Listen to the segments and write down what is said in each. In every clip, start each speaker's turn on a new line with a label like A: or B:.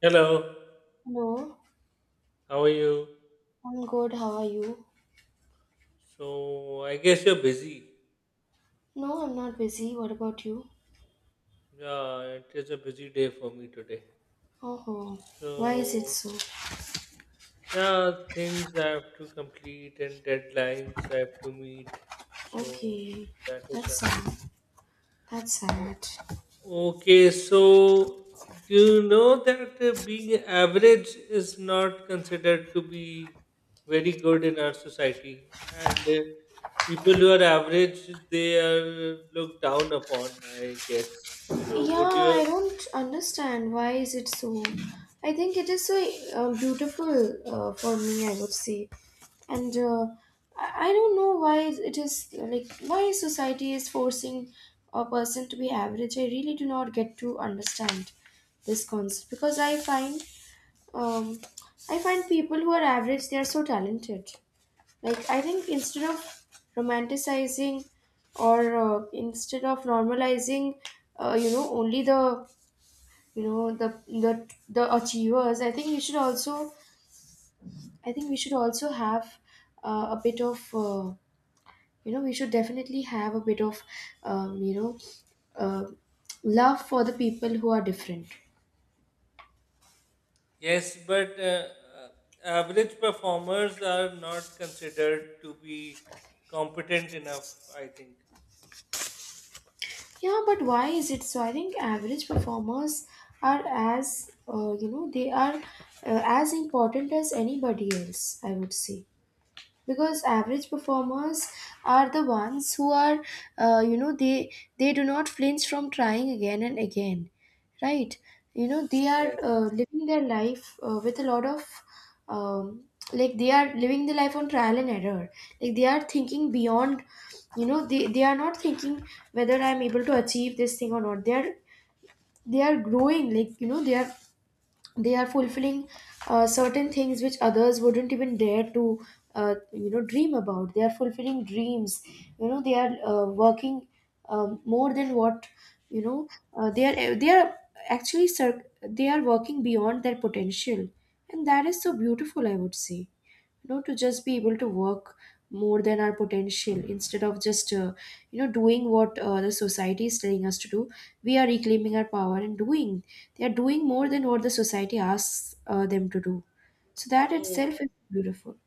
A: Hello,
B: Hello,
A: how are you?
B: I'm good. How are you?
A: So, I guess you're busy.
B: No, I'm not busy. What about you?
A: Yeah, it is a busy day for me today.
B: Oh, oh.
A: So,
B: Why is it so?
A: yeah, things I have to complete and deadlines I have to meet. So,
B: Okay,
A: that is why.
B: that's sad. That's
A: O-
B: sad.
A: Okay, so do you know that being average is not considered to be very good in our society? And people who are average, they are looked down upon, I guess. So would
B: Yeah,
A: you?
B: I don't understand. Why is it so? I think it is so beautiful. For me, I would say. And I don't know why it is, like, why society is forcing a person to be average. I really do not get to understand this concept because um, I find people who are average, they are so talented. Like, I think instead of romanticizing or instead of normalizing, only the the achievers. I think we should also have a bit of, we should definitely have a bit of, um, you know, uh, love for the people who are different.
A: Yes, but uh, average performers are not considered to be competent enough, I think.
B: Yeah, but why is it so? I think average performers are as, you know, they are as important as anybody else. I would say because average performers are the ones who are you know, they do not flinch from trying again and again, right? You know, they are living their life with a lot of um, like, they are living the life on trial and error, like they are thinking beyond. You know they are not thinking whether I'm able to achieve this thing or not, they are, they are growing. Like, you know, they are, they are fulfilling certain things which others wouldn't even dare to you know, dream about. They are fulfilling dreams, you know, they are working more than what, you know, they are they are actually they are working beyond their potential, and that is so beautiful, I would say. You know, to just be able to work more than our potential instead of just doing what the society is telling us to do, we are reclaiming our power and doing, they are doing more than what the society asks them to do, so that itself
A: Yes.
B: is beautiful.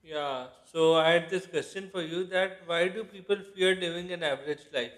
A: Yeah, so I had this question for you that why do people fear living an average life?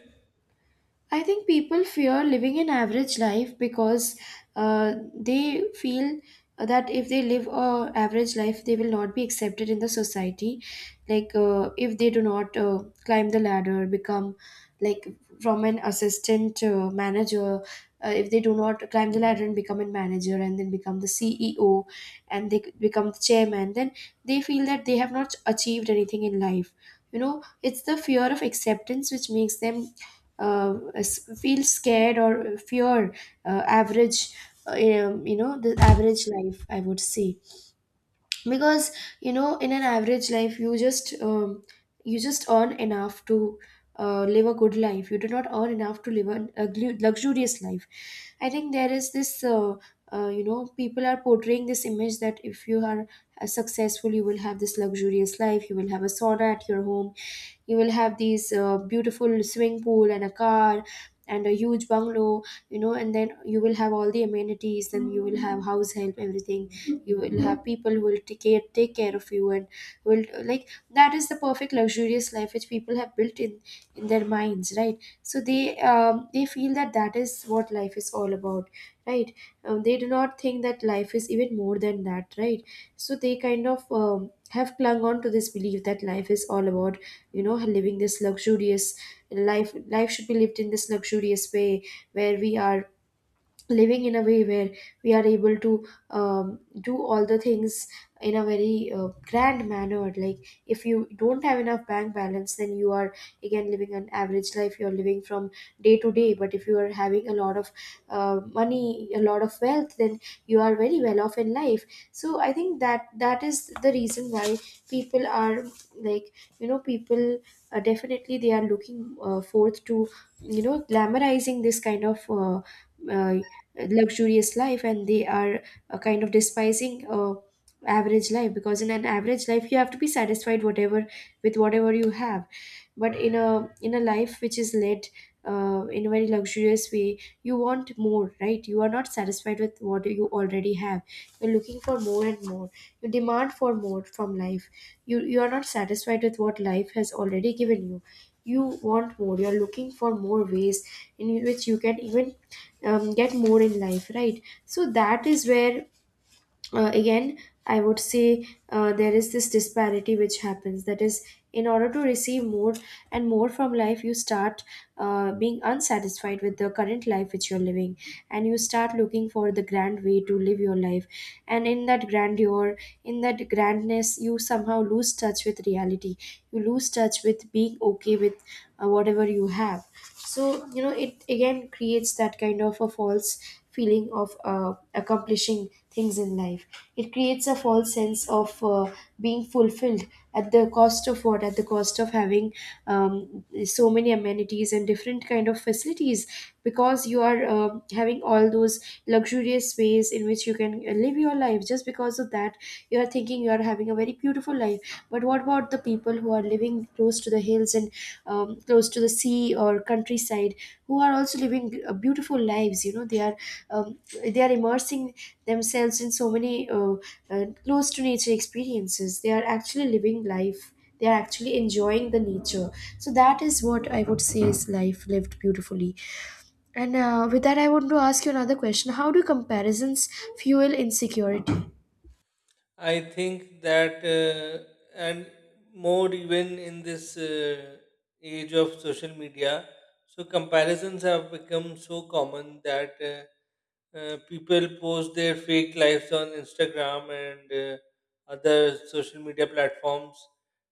B: I think people fear living an average life because they feel that if they live a average life, they will not be accepted in the society. Like, if they do not climb the ladder, become, like, from an assistant manager, if they do not climb the ladder and become a manager and then become the CEO and they become the chairman, then they feel that they have not achieved anything in life. You know, it's the fear of acceptance which makes them feel scared or fear average you know, the average life, I would say. Because, you know, in an average life, you just earn enough to live a good life. You do not earn enough to live a luxurious life. I think there is this you know, people are portraying this image that if you are successful, you will have this luxurious life, you will have a sauna at your home, you will have these beautiful swimming pool and a car and a huge bungalow. You know, and then you will have all the amenities, then you will have house help, everything. You will have people who will take care of you and will, like, that is the perfect luxurious life which people have built in their minds, right? So they feel that that is what life is all about, right? They do not think that life is even more than that, right? So they kind of have clung on to this belief that life is all about, you know, living this luxurious life, should be lived in this luxurious way where we are living in a way where we are able to do all the things in a very grand manner. Like, if you don't have enough bank balance, then you are again living an average life, you're living from day to day. But if you are having a lot of money, a lot of wealth, then you are very well off in life. So I think that that is the reason why people are, like, you know, people definitely they are looking forth to, you know, glamorizing this kind of uh, luxurious life, and they are kind of despising average life, because in an average life you have to be satisfied whatever, with whatever you have. But in a, in a life which is led in a very luxurious way, you want more, right? You are not satisfied with what you already have, you're looking for more and more, you demand for more from life. You are not satisfied with what life has already given you, you want more, you're looking for more ways in which you can even get more in life, right? So that is where again, I would say there is this disparity which happens, that is, in order to receive more and more from life, you start being unsatisfied with the current life which you're living, and you start looking for the grand way to live your life. And in that grandeur, in that grandness, you somehow lose touch with reality, you lose touch with being okay with whatever you have. So, you know, it again creates that kind of a false feeling of accomplishing things in life. It creates a false sense of being fulfilled. At the cost of what? At the cost of having so many amenities and different kind of facilities. Because you are having all those luxurious ways in which you can live your life, just because of that, you are thinking you are having a very beautiful life. But what about the people who are living close to the hills and close to the sea or countryside, who are also living beautiful lives? You know, um, they are immersing themselves in so many close to nature experiences. They are actually living life, they are actually enjoying the nature. So that is what I would say is life lived beautifully. And with that, I want to ask you another question: how do comparisons fuel insecurity?
A: I think that, and more even in this age of social media, so comparisons have become so common that people post their fake lives on Instagram and other social media platforms,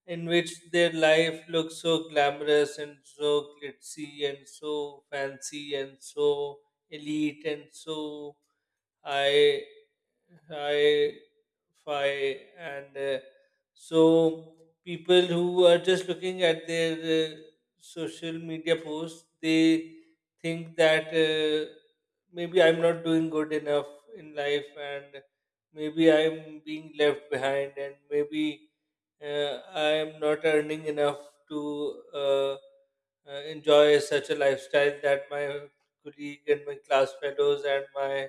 A: in which their life looks so glamorous and so glitzy and so fancy and so elite and so I I Fi and so people who are just looking at their social media posts, they think that maybe I'm not doing good enough in life, and maybe I'm being left behind, and maybe I'm not earning enough to enjoy such a lifestyle that my colleague and my class fellows and my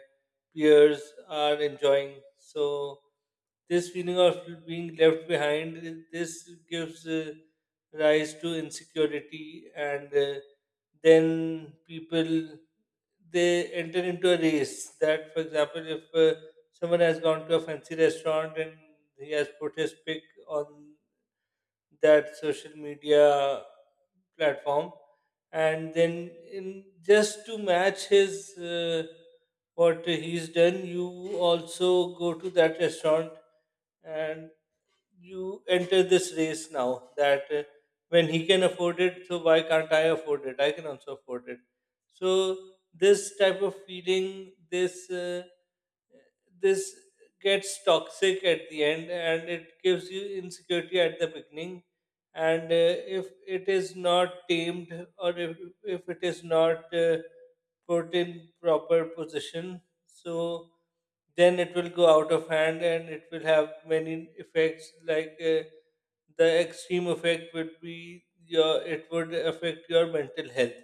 A: peers are enjoying. So this feeling of being left behind, this gives rise to insecurity, and then people they enter into a race. That, for example, if someone has gone to a fancy restaurant and he has put his pic on that social media platform, and then in just to match his what he's done, you also go to that restaurant and you enter this race now that when he can afford it, so why can't I afford it? I can also afford it. So this type of feeling, this gets toxic at the end and it gives you insecurity at the beginning, and if it is not tamed or if it is not put in proper position, so then it will go out of hand and it will have many effects like the extreme effect would be your it would affect your mental health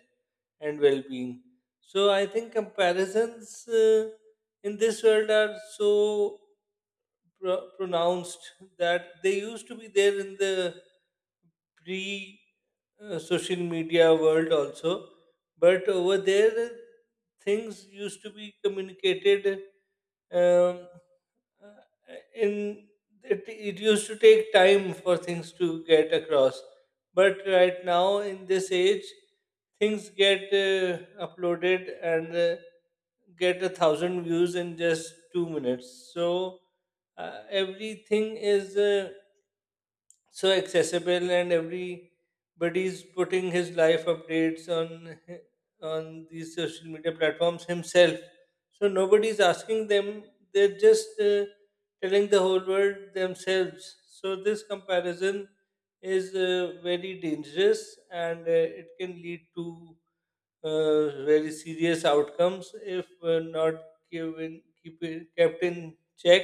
A: and well being. So I think comparisons in this world are so pronounced that they used to be there in the pre social media world also, but over there things used to be communicated um, uh, in it, it used to take time for things to get across, but right now in this age things get uploaded and get a thousand views in just 2 minutes. So everything is so accessible and everybody's putting his life updates on on these social media platforms himself, so nobody's asking them. They're just telling the whole world themselves. So this comparison is very dangerous and it can lead to very serious outcomes if not given, keep it, kept in check.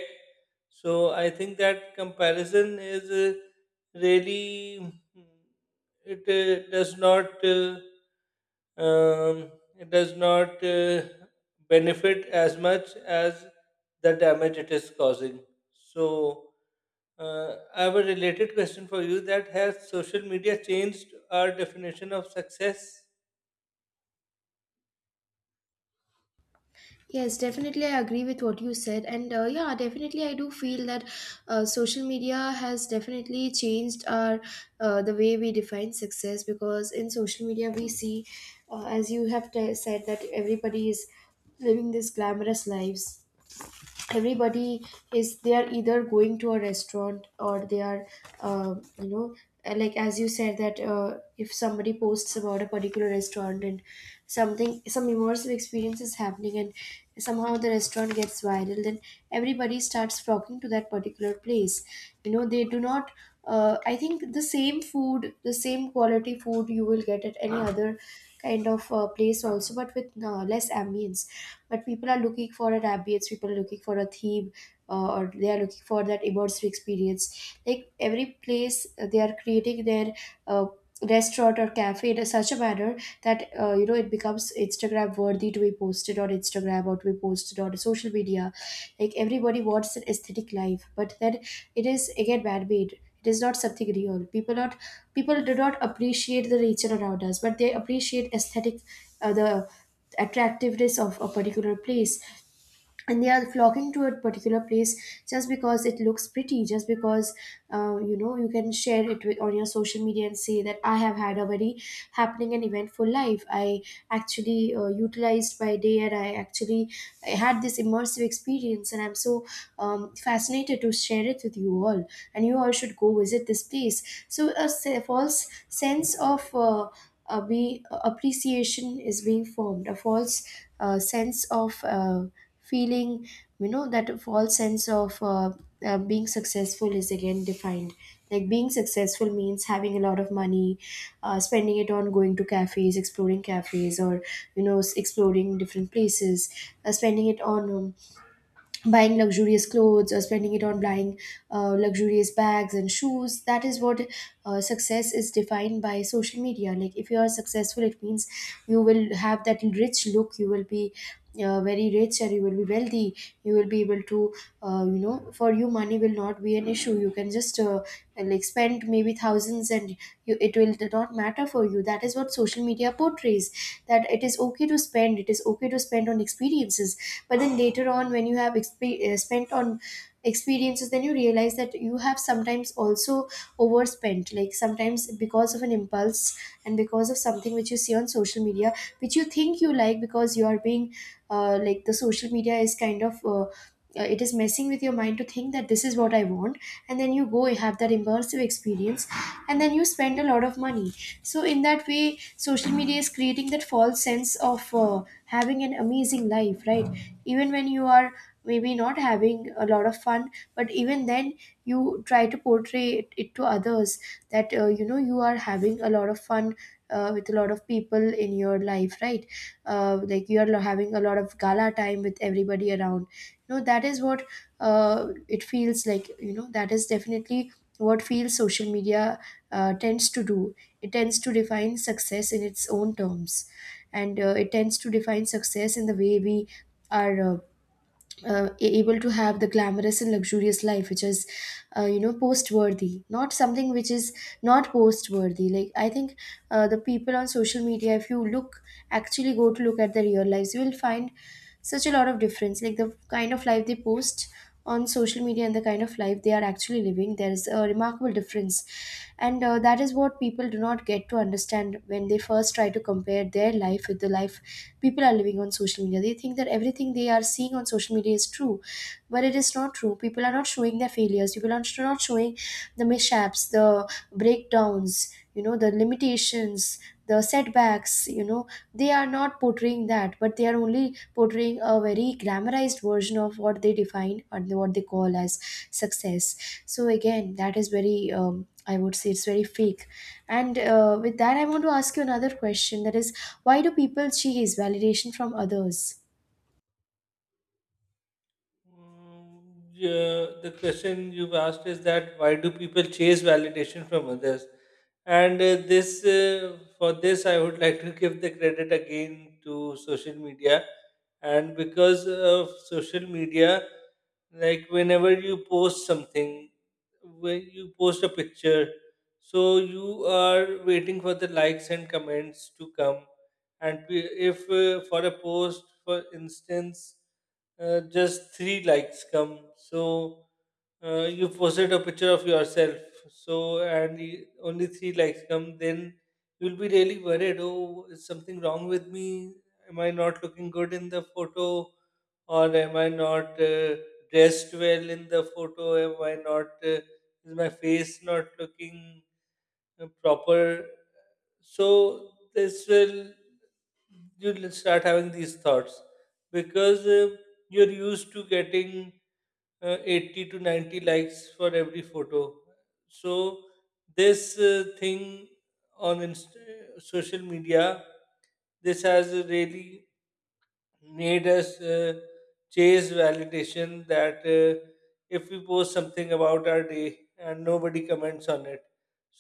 A: So I think that comparison is really mm, it does not um, it does not benefit as much as the damage it is causing. So I have a related question for you that has social media changed our definition of success?
B: Yes, definitely. I agree with what you said. And yeah, definitely, I do feel that social media has definitely changed our the way we define success. Because in social media, we see, as you have said, that everybody is living these glamorous lives. Everybody is, they are either going to a restaurant or they are uh, you know like, as you said, that if somebody posts about a particular restaurant and something, some immersive experience is happening, and somehow the restaurant gets viral, then everybody starts flocking to that particular place. You know, they do not I think the same food, the same quality food you will get at any other kind of place also, but with less ambience. But people are looking for an ambience, people are looking for a theme, or they are looking for that immersive experience. Like every place, they are creating their uh, restaurant or cafe in a such a manner that, you know, it becomes Instagram worthy, to be posted on Instagram or to be posted on social media. Like, everybody wants an aesthetic life, but then it is again man made, it is not something real. People do not appreciate the nature around us, but they appreciate aesthetic, the attractiveness of a particular place, and they are flocking to a particular place just because it looks pretty, just because you can share it with, on your social media, and say that I have had a very happening and eventful life. I actually uh, utilized my day, and I had this immersive experience, and I'm so fascinated to share it with you all, and you all should go visit this place. So false sense of be appreciation is being formed, a false sense of feeling, that false sense of being successful is again defined. Like, being successful means having a lot of money, spending it on going to cafes, exploring cafes, or exploring different places, spending it on buying luxurious clothes, or spending it on buying luxurious bags and shoes. That is what success is defined by social media. Like, if you are successful, it means you will have that rich look, you will be very rich, and you will be wealthy. You will be able to for you money will not be an issue, you can just like spend maybe thousands and it will not matter for you. That is what social media portrays, that it is okay to spend, it is okay to spend on experiences. But then later on when you have spent on experiences, then you realize that you have sometimes also overspent, like sometimes because of an impulse, and because of something which you see on social media, which you think you like because you are being like, the social media is kind of it is messing with your mind to think that this is what I want, and then you go, you have that immersive experience, and then you spend a lot of money. So in that way, social media is creating that false sense of having an amazing life, right? Even when you are maybe not having a lot of fun, but even then you try to portray it to others, that you are having a lot of fun with a lot of people in your life, right? Like, you are having a lot of gala time with everybody around, that is what it feels like. That is definitely what feels social media tends to do. It tends to define success in its own terms, and it tends to define success in the way we are able to have the glamorous and luxurious life, which is post worthy, not something which is not post worthy. Like, I think the people on social media, if you look actually go to look at their real lives, you will find such a lot of difference. Like the kind of life they post on social media and the kind of life they are actually living, there is a remarkable difference. And that is what people do not get to understand when they first try to compare their life with the life people are living on social media. They think that everything they are seeing on social media is true, but it is not true. People are not showing their failures, people are not showing the mishaps, the breakdowns, the limitations, the setbacks, they are not portraying that, but they are only portraying a very glamorized version of what they define and what they call as success. So again, that is very I would say it's very fake. And with that, I want to ask you another question, that is, why do people chase validation from others?
A: Mm, yeah, the question you've asked is that why do people chase validation from others? And for this, I would like to give the credit again to social media. And because of social media, like whenever you post something, when you post a picture, so you are waiting for the likes and comments to come. And if for a post, for instance, just three likes come. So you posted a picture of yourself. So and only three likes come, then you'll be really worried. Oh, is something wrong with me? Am I not looking good in the photo, or am I not dressed well in the photo? Am I not? Is my face not looking proper? So this will you'll start having these thoughts because you're used to getting 80 to 90 likes for every photo. So this thing on social media, this has really made us chase validation that if we post something about our day and nobody comments on it,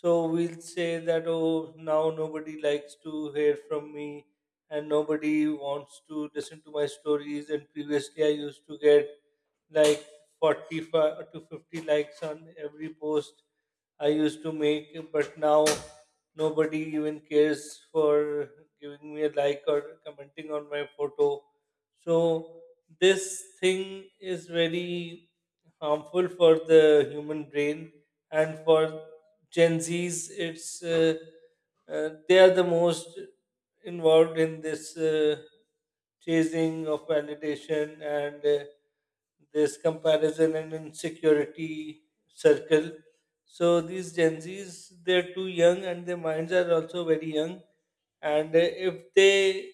A: so we'll say that, oh, now nobody likes to hear from me and nobody wants to listen to my stories, and previously I used to get like 45 to 50 likes on every post I used to make, but now nobody even cares for giving me a like or commenting on my photo. So this thing is very harmful for the human brain and for Gen Z's. It's they are the most involved in this chasing of validation and this comparison and insecurity circle. So these Gen Zs, they're too young and their minds are also very young. And if they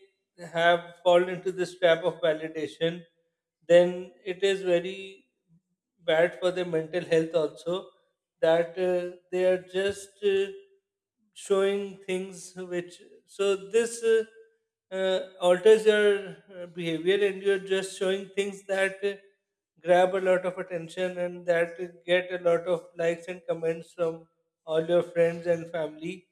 A: have fallen into this trap of validation, then it is very bad for their mental health also. That they are just showing things which so this alters your behavior, and you're just showing things that grab a lot of attention and that get a lot of likes and comments from all your friends and family,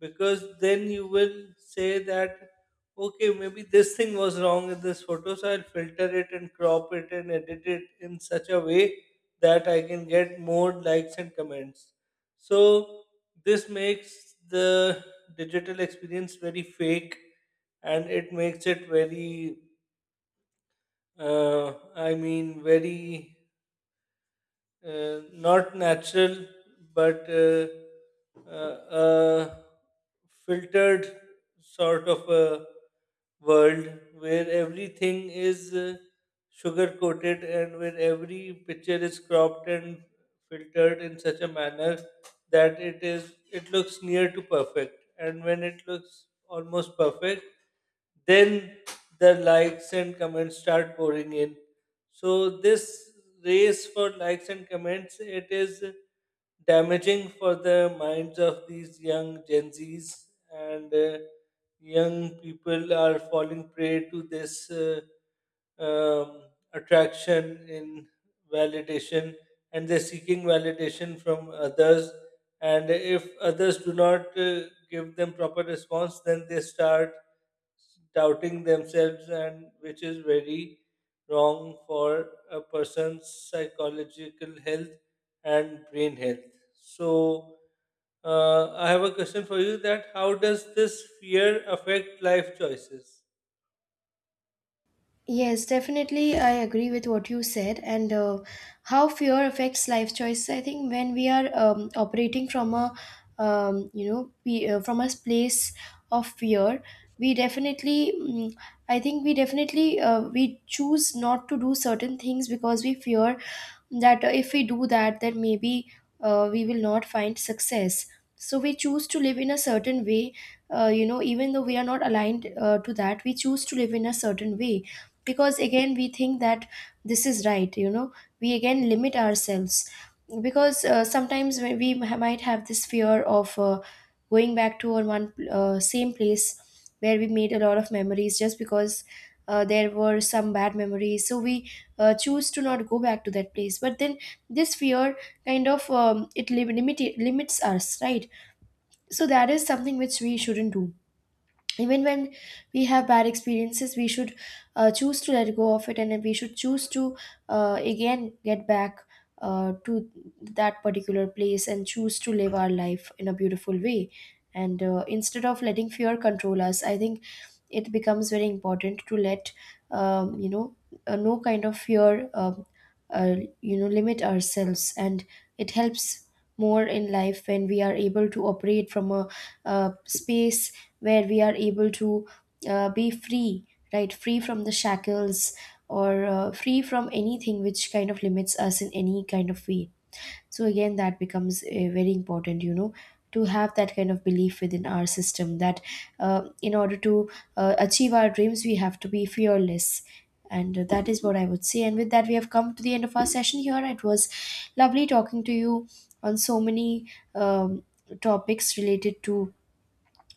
A: because then you will say that, okay, maybe this thing was wrong in this photo, so I'll filter it and crop it and edit it in such a way that I can get more likes and comments. So this makes the digital experience very fake, and it makes it very, I mean, very not natural, but uh, uh, filtered sort of a world where everything is sugar coated, and where every picture is cropped and filtered in such a manner that it is it looks near to perfect, and when it looks almost perfect, then the likes and comments start pouring in. So this race for likes and comments, it is damaging for the minds of these young gen z's. And young people are falling prey to this um, attraction in validation, and they're seeking validation from others, and if others do not give them proper response, then they start doubting themselves, and which is very wrong for a person's psychological health and brain health. So I have a question for you that how does this fear affect life choices?
B: Yes, definitely. I agree with what you said, and how fear affects life choices. I think when we are operating from a, from a place of fear, we definitely, mm, I think we definitely, we choose not to do certain things, because we fear that if we do that then maybe we will not find success. So we choose to live in a certain way, even though we are not aligned to that, we choose to live in a certain way because again we think that this is right. We again limit ourselves because sometimes when we might have this fear of going back to our one same place where we made a lot of memories, just because there were some bad memories, so we choose to not go back to that place. But then this fear kind of it limits us, right? So that is something which we shouldn't do. Even when we have bad experiences, we should choose to let go of it, and we should choose to again get back to that particular place, and choose to live our life in a beautiful way. And instead of letting fear control us, I think it becomes very important to let um, you know no kind of fear uh, limit ourselves. And it helps more in life when we are able to operate from a uh, space where we are able to be free, right? Free from the shackles, or free from anything which kind of limits us in any kind of way. So again, that becomes very important, to have that kind of belief within our system, that in order to achieve our dreams, we have to be fearless. And that is what I would say. And with that, we have come to the end of our session here. It was lovely talking to you on so many um, topics related to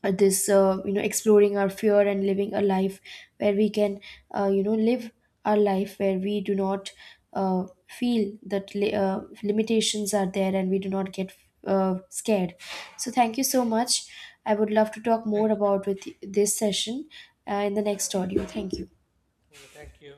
B: this exploring our fear and living a life where we can live our life where we do not feel that limitations are there, and we do not get scared. So thank you so much, I would love to talk more
A: Thank you.
B: about with this session in the next audio. Thank you.
A: Thank you.